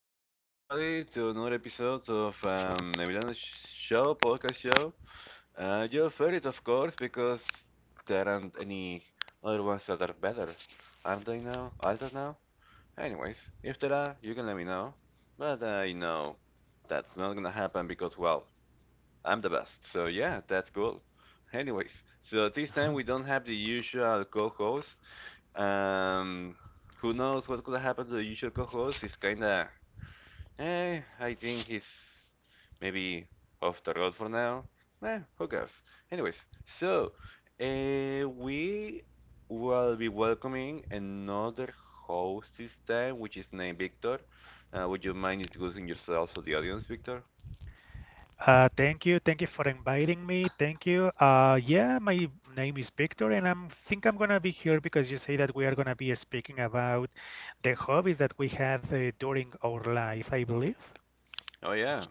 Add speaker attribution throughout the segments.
Speaker 1: thank you everybody to another episode of Emiliano's show, podcast show. Your favorite, of course, because there aren't any other ones that are better, aren't they now? Are there now? Anyways, if there are, you can let me know. But I know that's not gonna happen because, well, I'm the best. So yeah, that's cool. Anyways, so this time we don't have the usual co-host. Um, who knows what could happen to the usual co-host? It's kinda I think he's maybe off the road for now. Who cares? Anyways, so we will be welcoming another host this time, which is named Victor. Would you mind introducing yourself to the audience, Victor?
Speaker 2: Thank you. Thank you for inviting me. Thank you. Yeah, my name is Victor, and I'm think I'm gonna be here because you say that we are gonna be speaking about the hobbies that we have during our life, I believe.
Speaker 1: Oh, yeah.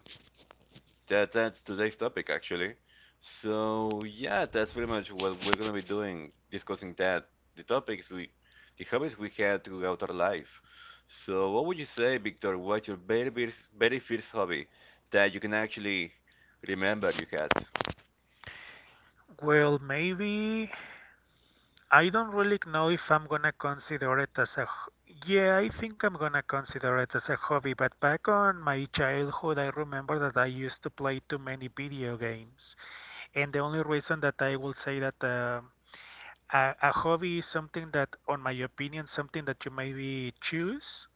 Speaker 1: That's today's topic actually. So yeah, that's pretty much what we're gonna be doing, discussing that the topics we, the hobbies we had throughout our life. So what would you say, Victor? What's your very first hobby that you can actually remember you had?
Speaker 2: Well, maybe I don't really know if I'm gonna consider it as Yeah, I think I'm gonna consider it as a hobby, but back on my childhood, I remember that I used to play too many video games. And the only reason that I will say that a hobby is something that, on my opinion, something that you maybe choose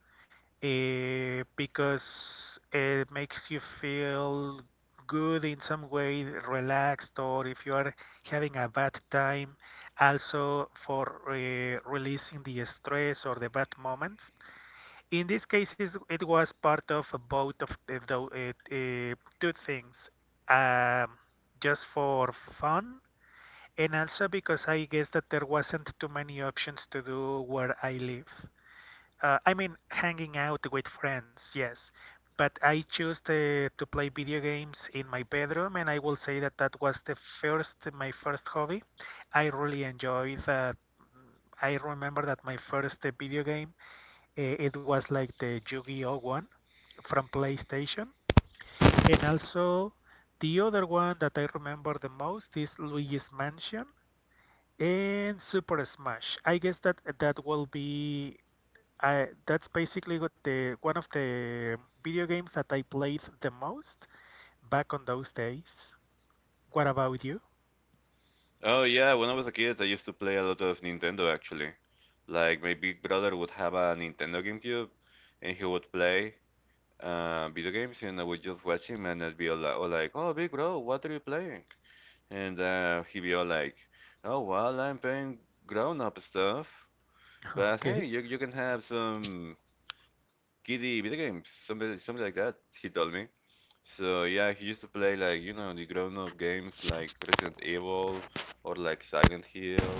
Speaker 2: because it makes you feel good in some way, relaxed, or if you are having a bad time, also for releasing the stress or the bad moments. In these cases, it was part of both of two things. Um, just for fun, and also because I guess that there wasn't too many options to do where I live. I mean, hanging out with friends, yes. But I chose to play video games in my bedroom, and I will say that that was my first hobby. I really enjoyed that. I remember that my first video game, it was like the Yu-Gi-Oh one from PlayStation. And also, the other one that I remember the most is Luigi's Mansion. And Super Smash. I guess that that will be that's basically what the one of the video games that I played the most back on those days. What about you?
Speaker 1: Oh yeah, when I was a kid, I used to play a lot of Nintendo actually. Like my big brother would have a Nintendo GameCube, and he would play video games, and I would just watch him, and I'd be all, all like, "Oh, big bro, what are you playing?" And he'd be all like, "Oh well, I'm playing grown-up stuff, but hey,
Speaker 2: Okay.
Speaker 1: you can have some kiddie video games, something like that." He told me. So yeah, he used to play like you know the grown-up games like Resident Evil or like Silent Hill.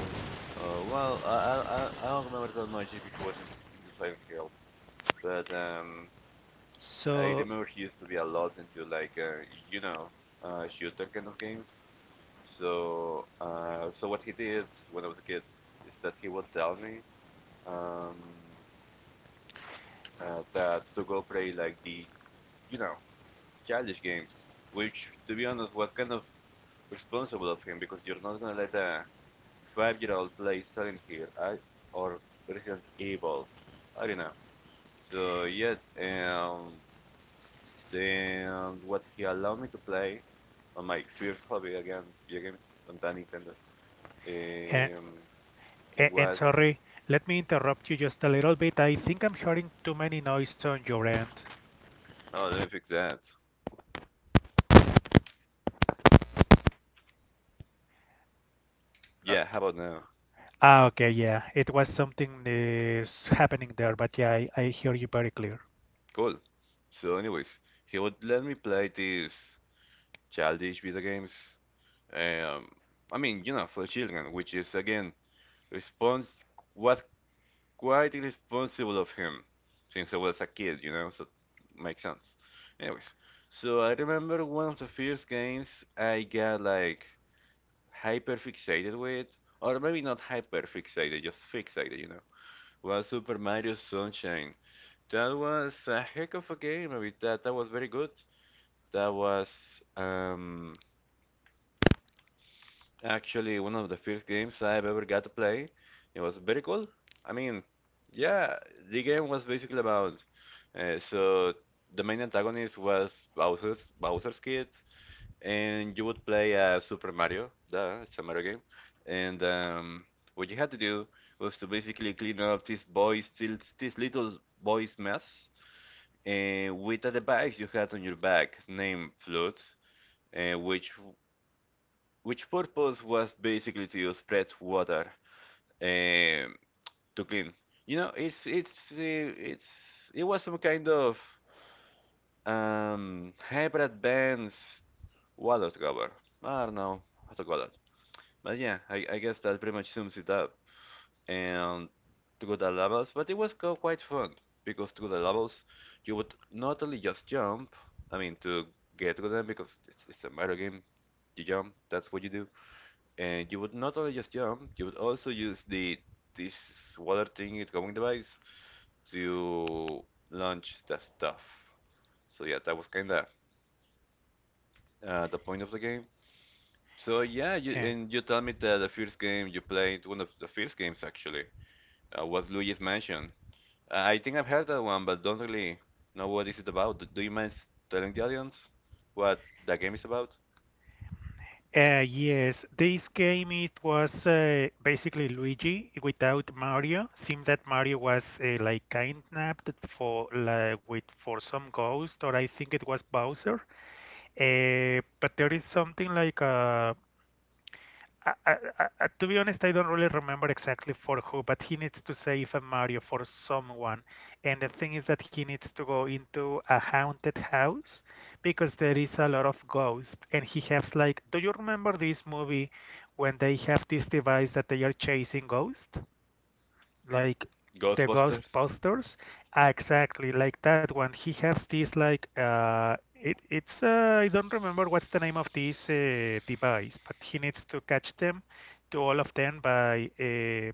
Speaker 1: Well, I don't remember that much if he was into Silent Hill, but I
Speaker 2: So,
Speaker 1: remember he used to be a lot into like you know shooter kind of games. So, so what he did when I was a kid is that he would tell me um, that to go play like the, you know, childish games, which to be honest was kind of responsible of him because you're not gonna let a five-year-old play Silent Hill I, or Resident Evil. I don't know. So yeah, and then what he allowed me to play on my first hobby again, video games on that Nintendo,
Speaker 2: and,
Speaker 1: um,
Speaker 2: and
Speaker 1: was
Speaker 2: sorry, let me interrupt you just a little bit. I think I'm hearing too many noise on your end.
Speaker 1: Oh, let me fix that.
Speaker 2: Uh,
Speaker 1: Yeah, how about now?
Speaker 2: okay, yeah, it was something is happening there, but yeah, I hear you very clear.
Speaker 1: Cool. So, anyways, he would let me play these childish video games. Um, I mean, you know, for children, which is again respons was quite irresponsible of him, since I was a kid, you know, so it makes sense. Anyways, so I remember one of the first games I got like hyper fixated with, or maybe not hyper fixated, just fixated, you know, was Super Mario Sunshine. That was a heck of a game. I mean, that was very good. That was um, actually one of the first games I've ever got to play. It was very cool. I mean, yeah, the game was basically about so the main antagonist was Bowser's Kid, and you would play Super Mario. Duh, it's a Mario game. And what you had to do was to basically clean up this little boy's mess with a device you had on your back named flute, uh, which which purpose was basically to spread water um, to clean. You know, it's it was some kind of hybrid band's wallet cover. I don't know how to call it, but yeah, I guess that pretty much sums it up. And through the levels, but it was quite fun because through the levels you would not only just jump, I mean to get through them because it's a Mario game, you jump, that's what you do, and you would not only just jump, you would also use the this water thing going device to launch the stuff. So yeah, that was kinda the point of the game. So yeah, you
Speaker 2: Yeah.
Speaker 1: and you tell me that the first game you played, one of the first games actually, was Luigi's Mansion. I think I've heard that one, but don't really know what is it about. Do you mind telling the audience what that game is about?
Speaker 2: Yes, this game it was basically Luigi without Mario. Seems that Mario was like kidnapped for like with for some ghost, or I think it was Bowser. But there is something like a, I, I, I, to be honest, I don't really remember exactly for who, but he needs to save a Mario for someone. And the thing is that he needs to go into a haunted house because there is a lot of ghosts. And he has, like, do you remember this movie when they have this device that they are chasing ghosts, like the ghost
Speaker 1: Ghostbusters?
Speaker 2: posters? Ah, exactly like that one. He has this like it's, I don't remember what's the name of this device, but he needs to catch them, to all of them, by uh,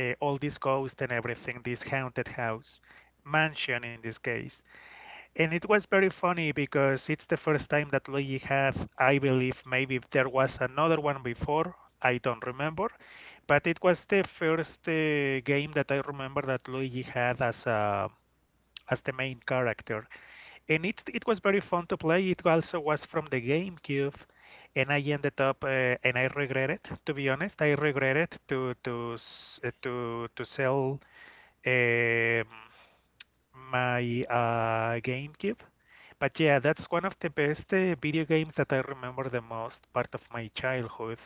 Speaker 2: uh, all these ghosts and everything, this haunted house, mansion in this case. And it was very funny because it's the first time that Luigi had, I believe, maybe if there was another one before, I don't remember, but it was the first game that I remember that Luigi had as the main character, and it was very fun to play. It also was from the GameCube, and I ended up, and I regret it. To be honest, I regretted to s- to sell um, my GameCube. But yeah, that's one of the best video games that I remember the most part of my childhood.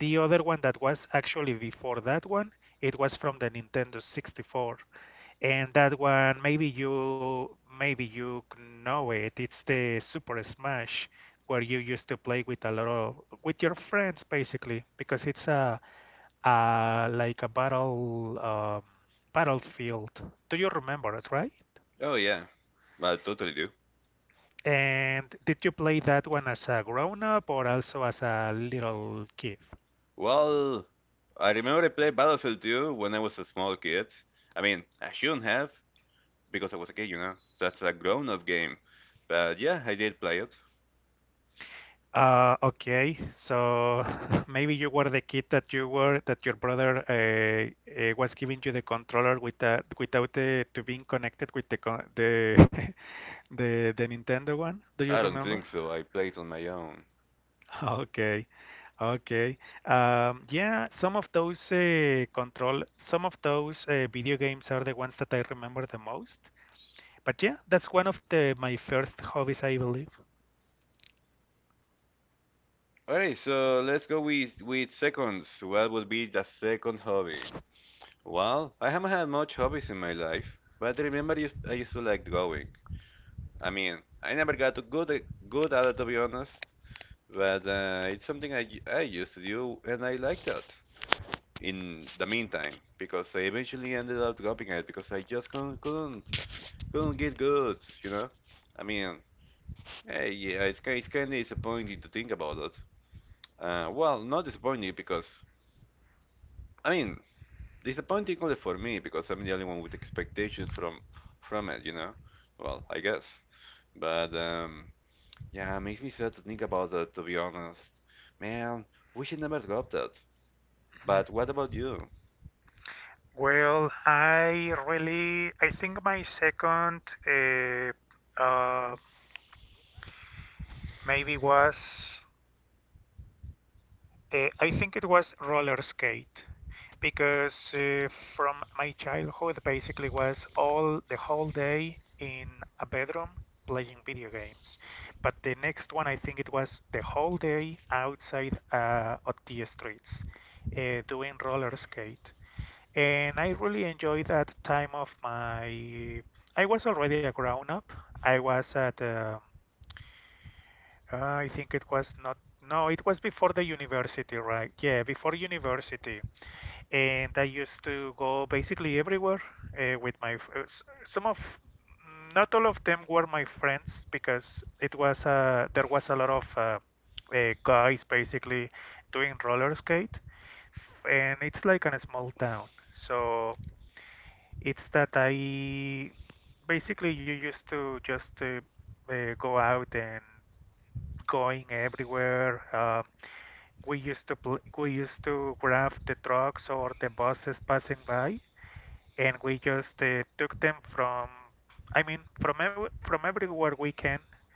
Speaker 2: The other one that was actually before that one, it was from the Nintendo 64. And that one, maybe you know it. It's the Super Smash, where you used to play with a lot of, with your friends, basically because it's a like a battle battlefield. Do you remember it, right?
Speaker 1: Oh yeah, I totally do.
Speaker 2: And did you play that one as a grown up, or also as a little kid?
Speaker 1: Well, I remember I played Battlefield 2 when I was a small kid. I mean, I shouldn't have because I was a kid, you know. That's a grown-up game. But yeah, I did play it.
Speaker 2: Okay, so maybe you were the kid that you were, that your brother was giving you the controller with the, without the, to being connected with the con the, the Nintendo one. Do you
Speaker 1: I don't
Speaker 2: remember?
Speaker 1: think so. I played on my own.
Speaker 2: Okay, okay. Yeah, some of those some of those video games are the ones that I remember the most. But yeah, that's one of the my first hobbies, I believe.
Speaker 1: Alright, so let's go with seconds. What would be the second hobby? Well, I haven't had much hobbies in my life, but I remember I used to like drawing. I mean, I never got good at it to be honest, but it's something I used to do and I liked that in the meantime because I eventually ended up dropping it because I just couldn't get good, you know? I mean, yeah, it's kind of disappointing to think about it. Well, not disappointing because, I mean, disappointing only for me because I'm the only one with expectations from it, you know. Well, I guess. But yeah, it makes me sad to think about that. To be honest, man, we should never drop that.
Speaker 2: Mhm.
Speaker 1: But what about you?
Speaker 2: Well, I think my second uh, maybe was, I think it was roller skate, because from my childhood basically was all the whole day in a bedroom playing video games. But the next one, I think it was the whole day outside, on the streets, doing roller skate. And I really enjoyed that time of my. I was already a grown up. I was I think it was not, no, it was before the university, right? Yeah, before university. And I used to go basically everywhere, with my, some of, not all of them were my friends, because there was a lot of guys basically doing roller skate. And it's like in a small town. So it's that I basically you used to just go out and going everywhere. We used to grab the trucks or the buses passing by, and we just took them from, I mean, from ev from everywhere we can,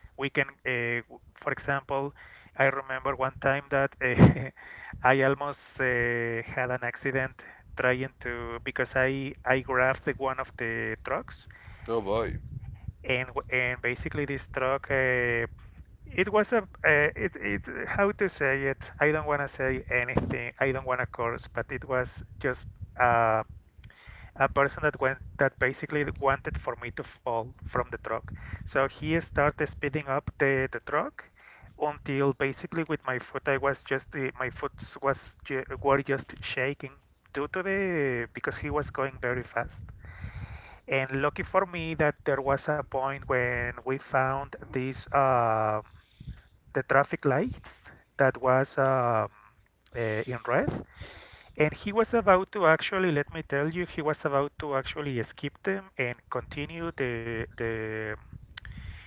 Speaker 2: we can uh, for example. I remember one time that I almost had an accident, trying to because I grabbed the one of the trucks,
Speaker 1: Oh boy,
Speaker 2: and basically this truck it was a it how to say it, I don't want to say anything, I don't want to curse, but it was just a a person that went, that basically wanted for me to fall from the truck. So he started speeding up the truck until basically with my foot I was just my foot was were just shaking due to the because he was going very fast. And lucky for me that there was a point when we found this the traffic lights that was in red, and he was about to actually, let me tell you, he was about to actually skip them and continue the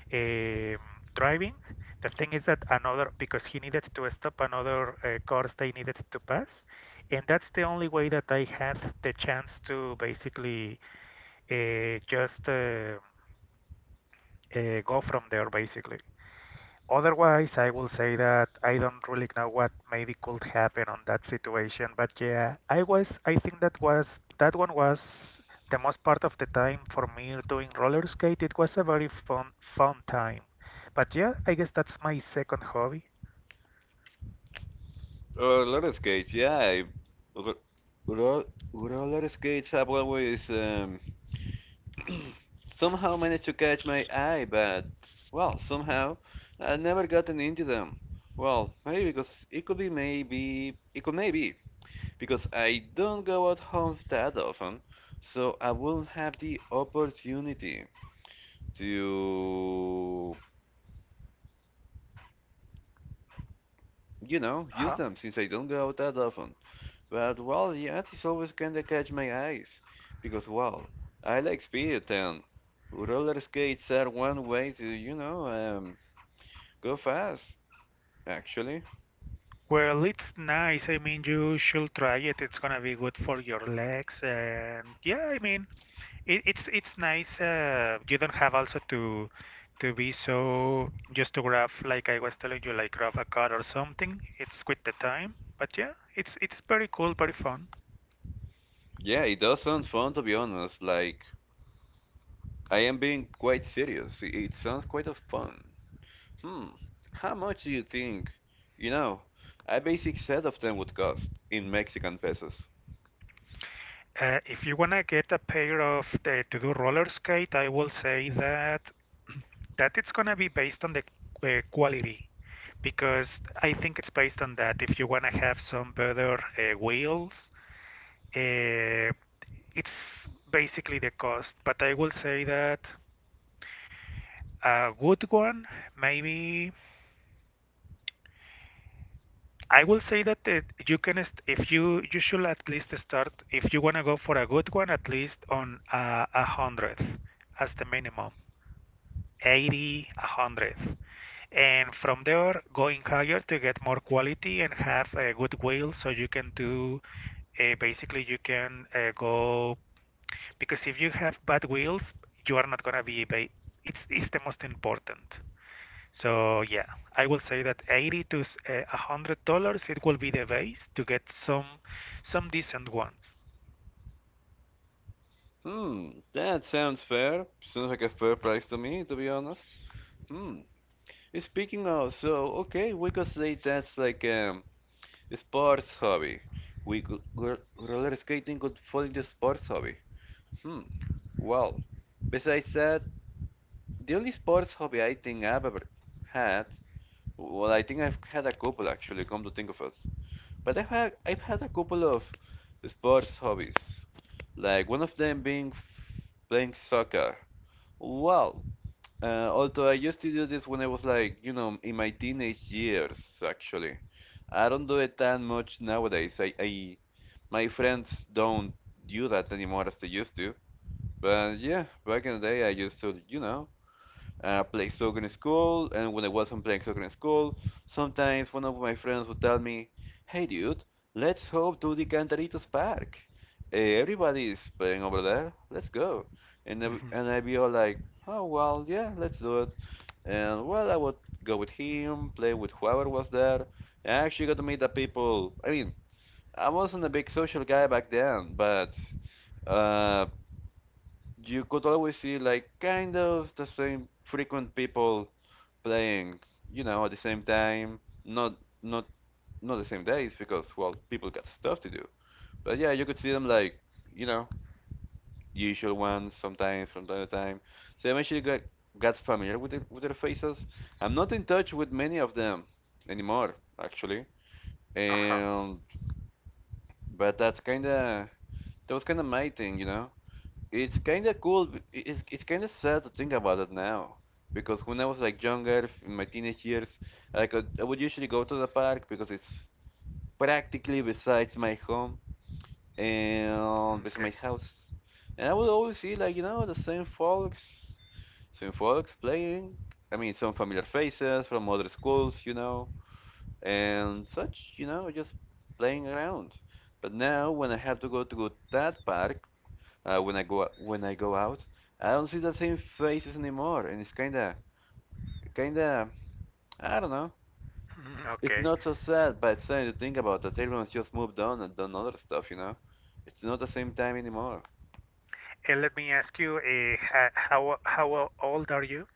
Speaker 2: um, driving. The thing is that because he needed to stop another course they needed to pass, and that's the only way that I had the chance to basically just go from there, basically. Otherwise, I will say that I don't really know what maybe could happen on that situation, but yeah, I think that one was the most part of the time for me doing roller skate. It was a very fun fun time. But yeah, I guess that's my second hobby.
Speaker 1: roller skates. Yeah, ro- ro- roller skates have always somehow managed to catch my eye, but well, somehow I never gotten into them. Well, maybe because it could be maybe it could maybe because I don't go out home that often, so I won't have the opportunity to, you know, use
Speaker 2: Uh-huh.
Speaker 1: them since I don't go out that often. But well, yeah, it's always kinda catch my eyes because well, I like speed and roller skates are one way to, you know, go fast. Actually,
Speaker 2: Well, it's nice. I mean, you should try it. It's gonna be good for your legs, and yeah, I mean, it's nice. You don't have also to be so, just to grab, like I was telling you, like grab a card or something. It's with the time, but yeah, it's very cool, very fun.
Speaker 1: yeah, it does sound fun to be honest. Like I am being quite serious. It sounds quite of fun. Hmm, how much do you think? You know, a basic set of them would cost in Mexican pesos.
Speaker 2: If you wanna get a pair of the to do roller skate, I will say that it's gonna be based on the quality, because I think it's based on that. If you wanna have some better wheels, uh, it's basically the cost. But I will say that a good one, maybe I will say that it, you can st-, if you should at least start, if you want to go for a good one, at least on a 100th as the minimum, 80, a 100th, and from there going higher to get more quality and have a good wheel, so you can do basically you can go, because if you have bad wheels you are not going to be ba-, it's the most important. So yeah, I will say that 80 to $100 it will be the base to get some decent ones.
Speaker 1: Hmm, that sounds fair. Sounds like a fair price to me, to be honest. Hmm. Speaking of, so okay, we could say that's like a sports hobby. Roller skating could fall into sports hobby. Hmm. Well, besides that, the only sports hobby I think I've ever had, well, I think I've had a couple actually. Come to think of it, but I've had a couple of sports hobbies, like one of them being playing soccer. Well, although I used to do this when I was like, you know, in my teenage years, actually. I don't do it that much nowadays. I My friends don't do that anymore as they used to. But yeah, back in the day I used to, you know, play soccer in school, and when I wasn't playing soccer in school, sometimes one of my friends would tell me, "Hey, dude, let's hop to the Cantaritos Park. Eh, everybody's playing over there. Let's go."
Speaker 2: Hmm.
Speaker 1: And I'd be all like, "Oh well, yeah, let's do it." And well, I would go with him, play with whoever was there. I actually got to meet the people. I mean, I wasn't a big social guy back then, but uh, you could always see like kind of the same frequent people playing, you know, at the same time. Not not Not the same days because well, people got stuff to do. But yeah, you could see them like, you know, usual ones sometimes from time to time. So I'm eventually got familiar with the, with their faces. I'm not in touch with many of them anymore, actually.
Speaker 2: Uh-huh.
Speaker 1: And but that's kind of that was kind of my thing, you know. It's kind of cool. It's kind of sad to think about it now, because when I was like younger, in my teenage years, I would usually go to the park because it's practically besides my home and
Speaker 2: Mm,
Speaker 1: beside my
Speaker 2: okay.
Speaker 1: house, and I would always see like you know same folks playing. I mean, some familiar faces from other schools, you know, and such, you know, just playing around. But now when I have to go to that park when I go out. I don't see the same faces anymore, and it's kinda kinda I don't know.
Speaker 2: Mm,
Speaker 1: It's
Speaker 2: okay.
Speaker 1: not so sad, but it's something to think about that everyone's just moved on and done other stuff, you know. It's not the same time anymore.
Speaker 2: And let me ask you, how old are you?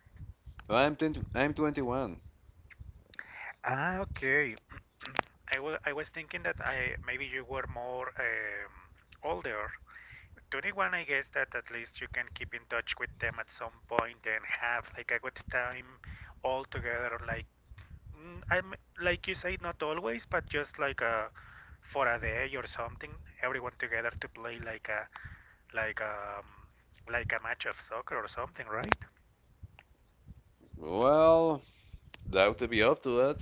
Speaker 1: Well, I'm 21.
Speaker 2: Ah, okay. I was thinking that I maybe you were more older. 21, I guess that at least you can keep in touch with them at some point and have like a good time all together, like. Mm, I'm, like you say, not always, but just like, for a day or something, everyone together to play like a, like um like a match of soccer or something, right?
Speaker 1: Well, doubt to be up to that.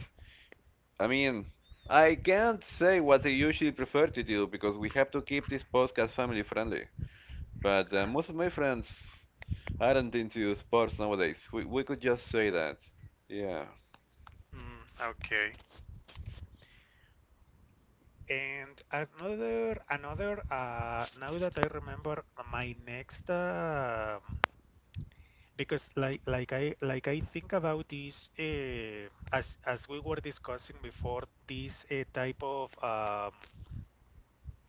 Speaker 1: I mean, I can't say what I usually prefer to do because we have to keep this podcast family friendly. But Most of my friends aren't into sports nowadays. We could just say that. Yeah.
Speaker 2: Mm, okay. And another now that I remember my next, because like I think about this as we were discussing before, this type of um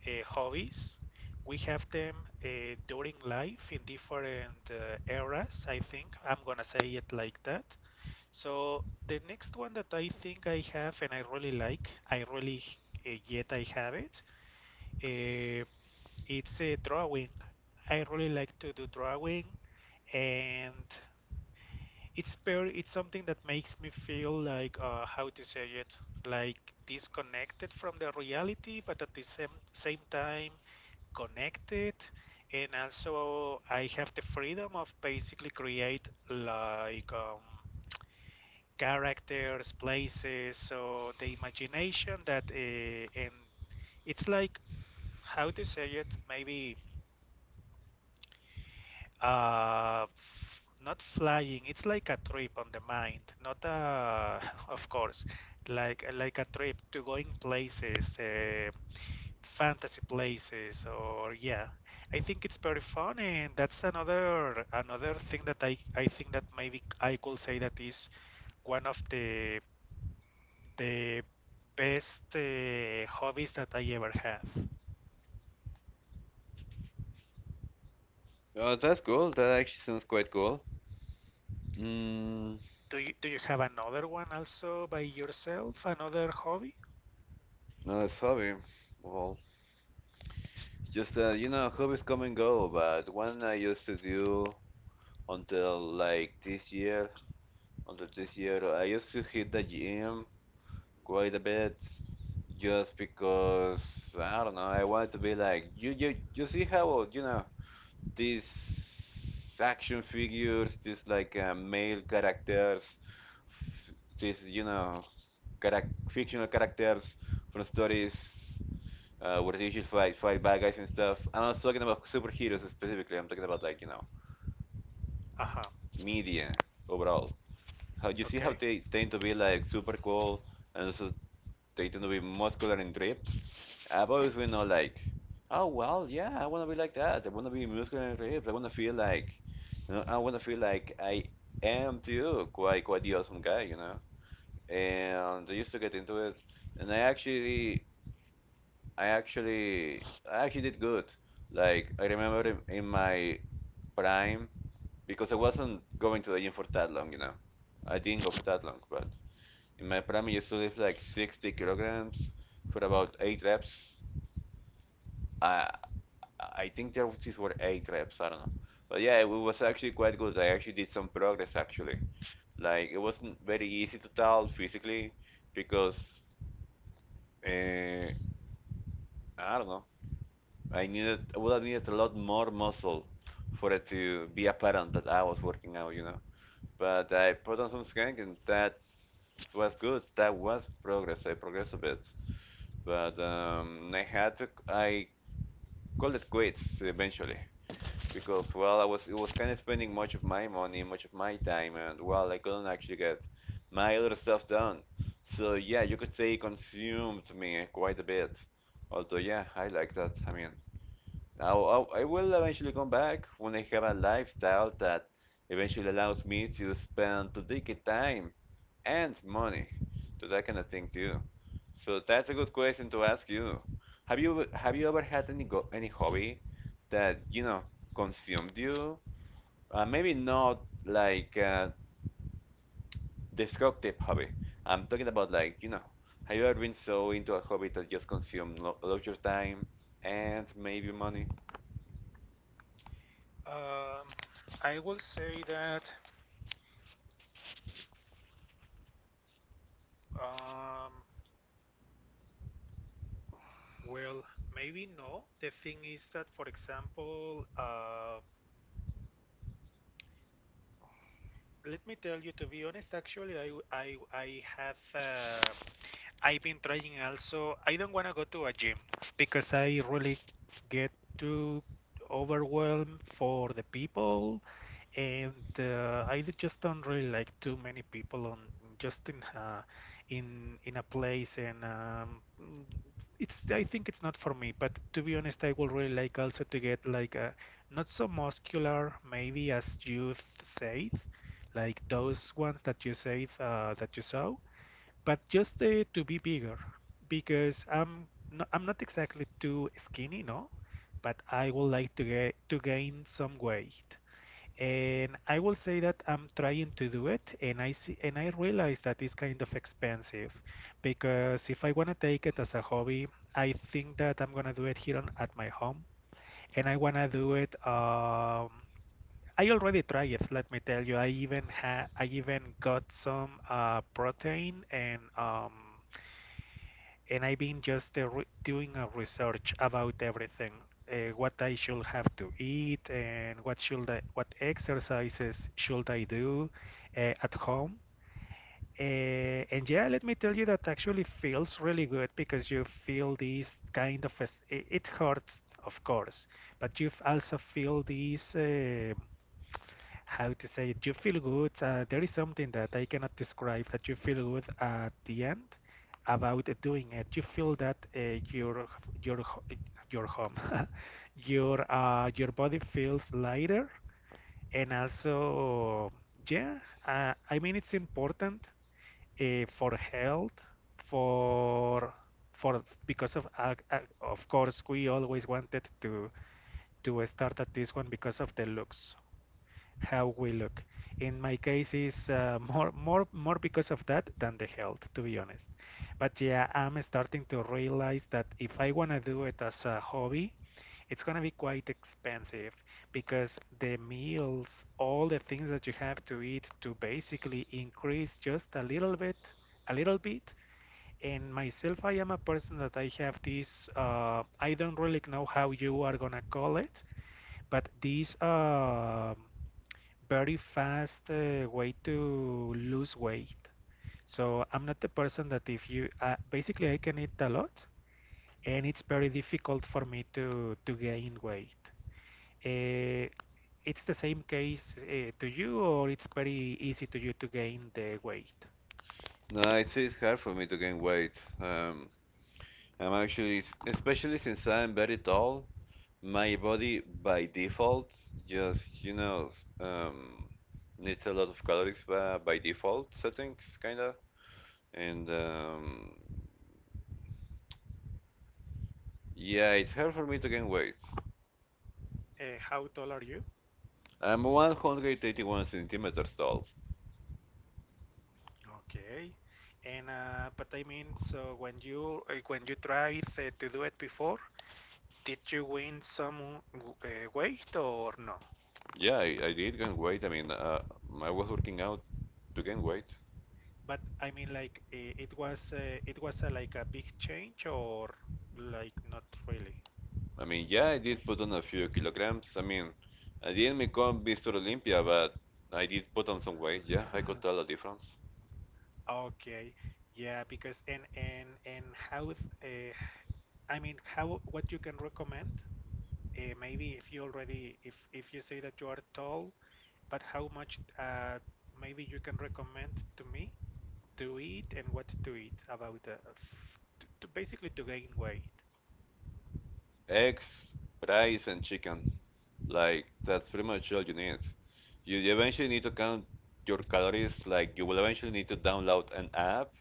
Speaker 2: uh, hobbies. We have them during life in different eras, I think. I'm gonna say it like that. So the next one that I think I have and I really like, I really yet I have it. Uh, it's a drawing. I really like to do drawing, and it's something that makes me feel like, how to say it, like disconnected from the reality, but at the same time connected, and also I have the freedom of basically create like, characters, places, so the imagination that and it's like, how to say it maybe, not flying. It's like a trip on the mind, not a, of course, like a trip to going places, fantasy places, or yeah, I think it's pretty fun. And that's another thing that I think that maybe I could say that is one of the best hobbies that I ever had.
Speaker 1: That's cool. That actually sounds quite cool. Mm,
Speaker 2: Do you have another one also by yourself, another hobby?
Speaker 1: nice hobby. Well, just hobbies come and go, but one I used to do until like this year, until this year, I used to hit the gym quite a bit, just because I don't know. I wanted to be like you. You see how you know these action figures, these like male characters, f- these you know, fictional characters from stories where they usually fight bad guys and stuff. I'm not talking about superheroes specifically. I'm talking about like you know
Speaker 2: Uh-huh.
Speaker 1: media overall. How you see how
Speaker 2: Okay.
Speaker 1: they tend to be like super cool, and also they tend to be muscular and ripped. I've always been all like, oh well, yeah, I want to be like that. I want to be muscular and ripped. I want to feel like, you know, I want to feel like I am too, quite the awesome guy, you know. And I used to get into it, and I actually, I actually did good. Like I remember in my prime, because I wasn't going to the gym for that long, you know. I didn't go for that long, but in my prime, I used to lift like 60 kilograms for about eight reps. I I think these were eight reps. I don't know, but yeah, it was actually quite good. I actually did some progress actually. Like it wasn't very easy to tell physically because uh, I don't know. I would have needed a lot more muscle for it to be apparent that I was working out, you know. But I put on some skin and that was good. That was progress. I progressed a bit. But I had to I called it quits eventually because well I was it was kind of spending much of my money, much of my time, and well I couldn't actually get my other stuff done. So yeah, you could say it consumed me quite a bit. Although yeah, I like that. I mean, I will eventually come back when I have a lifestyle that eventually allows me to spend predicted time and money to that kind of thing too. So that's a good question to ask you. Have you ever had any hobby that you know consumed you? Maybe not like a destructive hobby. I'm talking about like you know, have you ever been so into a hobby that just consumed lo lot of your time and maybe money?
Speaker 2: um I will say that, um well, maybe no. The thing is that, for example, let me tell you, to be honest, actually, I have, I've been trying also. I don't want to go to a gym because I really get too overwhelmed for the people, and I just don't really like too many people on, just in, in a place. And it's, I think it's not for me, but to be honest, I would really like also to get like a not so muscular maybe, as you said, like those ones that you said, that you saw, but just to be bigger, because I'm no, I'm not exactly too skinny, no, but I would like to get to gain some weight. And I will say that I'm trying to do it, and I see and I realize that it's kind of expensive, because if I want to take it as a hobby, I think that I'm gonna do it here on, at my home, and I wanna do it. I already tried it. Let me tell you, I even ha I even got some, protein, and I've been just, doing a research about everything, what I should have to eat, and what should I, what exercises should I do at home. Uh, and yeah, let me tell you that actually feels really good, because you feel this kind of, it hurts, of course, but you also feel this, how to say it, you feel good. There is something that I cannot describe, that you feel good at the end about doing it. You feel that your your ho- your home, your, your body feels lighter, and also yeah, I mean, it's important, for health, for for, because of course we always wanted to start at this one because of the looks, how we look. In my case, is, more because of that than the health, to be honest. But yeah, I'm starting to realize that if I wanna do it as a hobby, it's gonna be quite expensive, because the meals, all the things that you have to eat to basically increase just a little bit, a little bit. And myself, I am a person that I have this, I don't really know how you are gonna call it, but these, very fast way to lose weight. So I'm not the person that if you, basically I can eat a lot, and it's very difficult for me to gain weight. Uh, it's the same case to you, or it's very easy to you to gain the weight.
Speaker 1: No, it's hard for me to gain weight. Um, I'm actually, especially since I'm very tall. My body by default just, you know, needs a lot of calories by default settings, kinda. And yeah, it's hard for me to gain weight.
Speaker 2: Uh, you?
Speaker 1: I'm 181 centimeters tall.
Speaker 2: Okay. And but I mean, so when you, when you tried, to do it before, did you win some, weight or no?
Speaker 1: Yeah, I did gain weight. I mean, I was working out to gain weight.
Speaker 2: But I mean, like it was, it was a, like a big change, or like not really.
Speaker 1: I mean, yeah, I did put on a few kilograms. I mean, I didn't become Mr. Olympia, but I did put on some weight. Yeah, I could tell the difference.
Speaker 2: Okay, yeah, because and how, I mean, how what you can recommend? Maybe if you already, if you say that you are tall, but how much, maybe you can recommend to me to eat, and what to eat about, to basically to gain weight.
Speaker 1: Eggs, rice, and chicken. Like that's pretty much all you need. You eventually need to count your calories. Like you will eventually need to download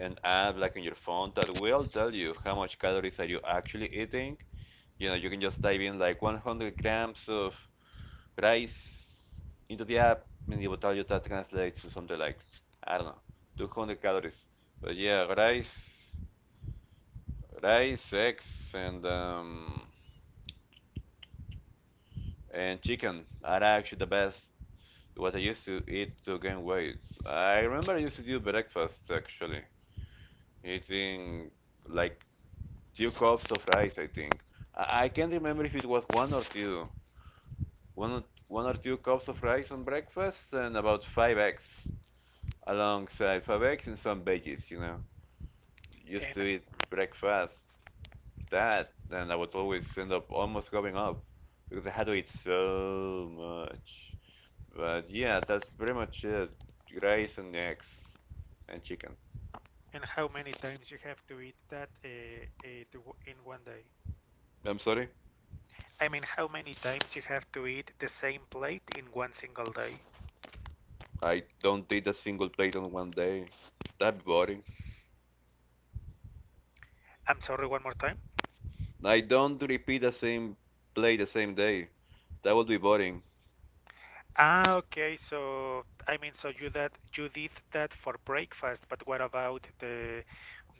Speaker 1: an app like on your phone that will tell you how much calories are you actually eating. You know, you can just type in like 100 grams of rice into the app, and it will tell you that translates to something like I don't know, 200 calories. But yeah, rice, eggs, and chicken are actually the best what I used to eat to gain weight. I remember I used to do breakfast actually, eating like two cups of rice, I think. I can't remember if it was one or two. One, or- One or two cups of rice on breakfast and about five eggs and some veggies, you know. Used
Speaker 2: And
Speaker 1: to eat breakfast that, then I would always end up almost going up because I had to eat so much. But yeah, that's pretty much it. Rice and eggs and chicken.
Speaker 2: how many times you have to eat that, to, in one day?
Speaker 1: I'm sorry,
Speaker 2: I mean, how many times you have to eat the same plate in one single day?
Speaker 1: I don't eat a single plate on one day. That'd be boring.
Speaker 2: I'm sorry, one more time.
Speaker 1: I don't repeat the same plate the same day. That would be boring.
Speaker 2: Ah, okay. So, I mean, so you that you did that for breakfast, but what about the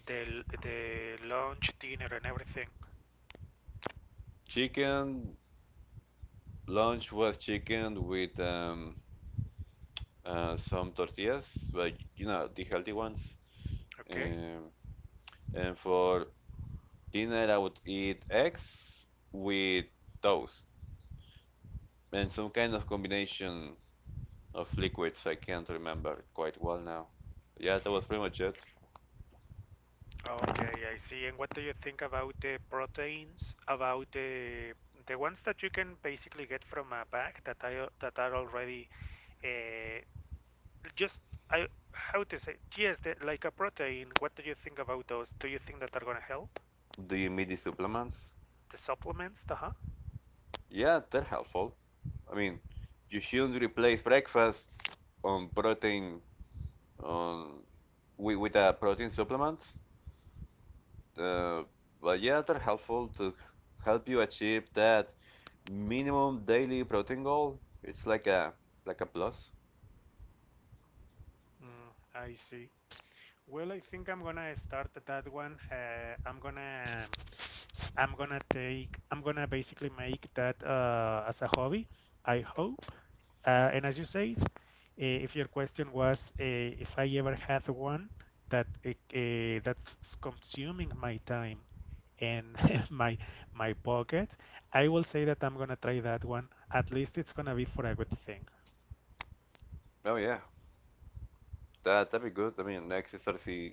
Speaker 2: the lunch, dinner, and everything?
Speaker 1: Chicken lunch was chicken with some tortillas, but you know the healthy ones.
Speaker 2: Okay.
Speaker 1: Um, and for dinner, I would eat eggs with toast and some kind of combination of liquids. I can't remember quite well now. Yeah, that was pretty much it.
Speaker 2: Okay, I see. And what do you think about the proteins? About the ones that you can basically get from a bag, that I that are already, uh, just I, how to say yes, the, like a protein. What do you think about those? Do you think that are gonna help?
Speaker 1: Do you meet these supplements?
Speaker 2: The supplements, uh-huh.
Speaker 1: Yeah, they're helpful. I mean, you shouldn't replace breakfast on protein on with a protein supplement. Uh, but yeah, they're helpful to help you achieve that minimum daily protein goal. It's like a plus.
Speaker 2: Mm, I see. Well, I think I'm gonna start that one. I'm gonna take I'm gonna basically make that, as a hobby. I hope. And as you said, if your question was, if I ever had one that, that's consuming my time and my my pocket, I will say that I'm gonna try that one. At least it's gonna be for a good thing,
Speaker 1: Oh yeah. That that'd be good. I mean,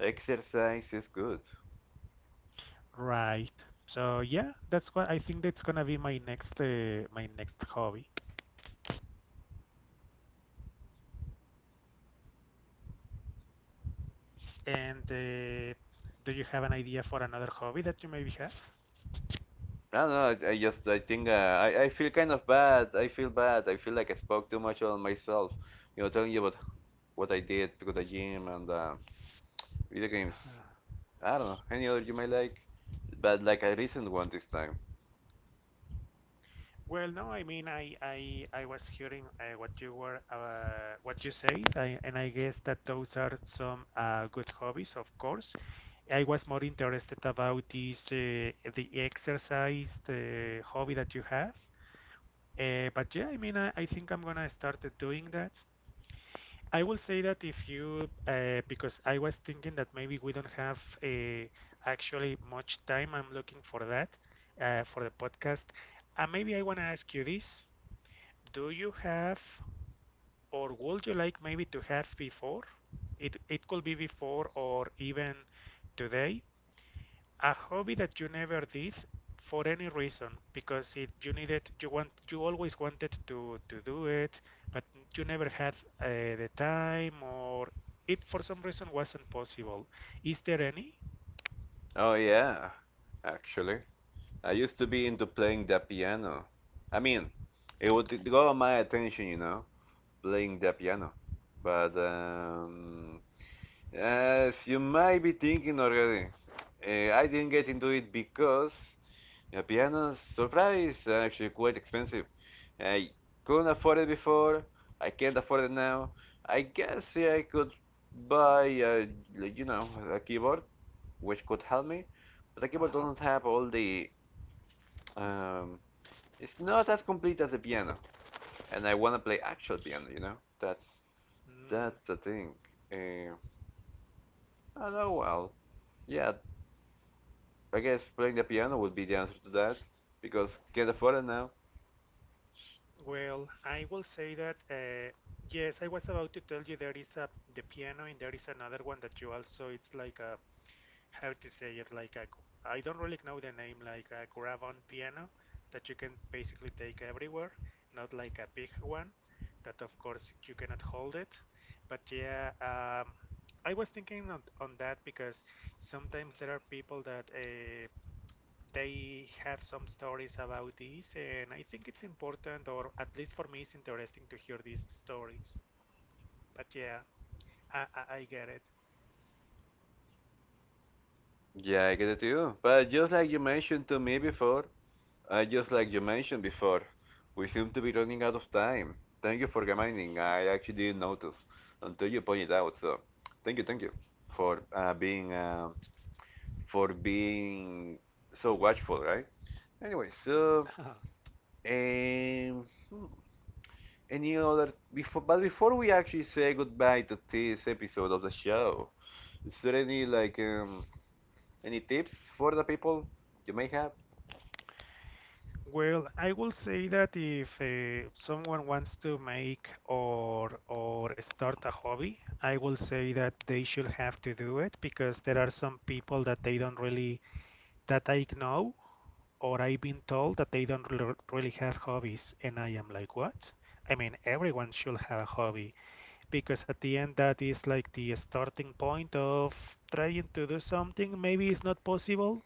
Speaker 1: exercise is good.
Speaker 2: right? So yeah, that's what I think that's gonna be my next, my next hobby. And do you have an idea for another hobby that you maybe have?
Speaker 1: No, I just I think I feel kind of bad. I feel bad. I feel like I spoke too much on myself. You know, telling you about what I did to go to the gym and video games. I don't know any other you might like, but like a recent one this time.
Speaker 2: Well, no, I mean, I was hearing, what you were, what you said, and I guess that those are some, good hobbies, of course. I was more interested about this, the exercise, the hobby that you have. But yeah, I mean, I think I'm gonna start, doing that. I will say that if you, because I was thinking that maybe we don't have, actually much time. I'm looking for that, for the podcast. Maybe I want to ask you this. Do you have, or would you like maybe to have before? It could be before or even today. A hobby that you never did, for any reason, because it you needed, you want, you always wanted to do it, but you never had, uh, the time, or it for some reason wasn't possible. Is there any?
Speaker 1: Oh yeah, actually, I used to be into playing the piano. I mean, it would go on my attention, you know, playing the piano. But as you might be thinking already, I didn't get into it because a piano surprise are actually quite expensive. I couldn't afford it before. I can't afford it now. I guess yeah, I could buy a, like, you know a keyboard which could help me, but the keyboard
Speaker 2: Uh-huh.
Speaker 1: doesn't have all the um. It's not as complete as a piano, and I want to play actual piano. You know,
Speaker 2: Mm.
Speaker 1: that's the thing. Uh, oh well, yeah. I guess playing the piano would be the answer to that because can't afford it now.
Speaker 2: Well, I will say that, yes, I was about to tell you, there is a the piano, and there is another one that you also, it's like a, how to say it, like a, I don't really know the name, like a grab on piano that you can basically take everywhere, not like a big one that of course you cannot hold it. But yeah, I was thinking on that, because sometimes there are people that, they have some stories about this, and I think it's important, or at least for me, it's interesting to hear these stories. But yeah, I get it.
Speaker 1: Yeah, I get it too. But just like you mentioned before, we seem to be running out of time. Thank you for reminding. I actually didn't notice until you pointed out. So, thank you for being for being so watchful, right? Anyway, so um, hmm, any other before? But before we actually say goodbye to this episode of the show, is there any like any tips for the people you may have?
Speaker 2: Well, I will say that if, someone wants to make, or start a hobby, I will say that they should have to do it, because there are some people that they don't really, that I know, or I've been told, that they don't really have hobbies, and I am like, what? I mean, everyone should have a hobby. Because at the end, that is like the starting point of trying to do something, maybe it's not possible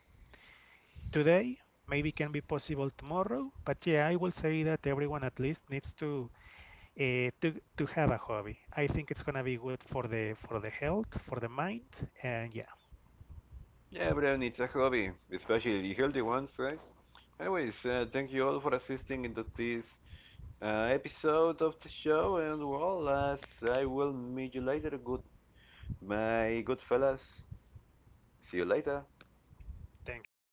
Speaker 2: today, maybe can be possible tomorrow. But yeah, I will say that everyone at least needs to, to have a hobby. I think it's gonna be good for the, for the health, for the mind, and yeah,
Speaker 1: Yeah, everyone needs a hobby, especially the healthy ones, right? Anyways, thank you all for assisting into this episode of the show, and well, as I will meet you later, good my good fellas. See you later.
Speaker 2: thank you.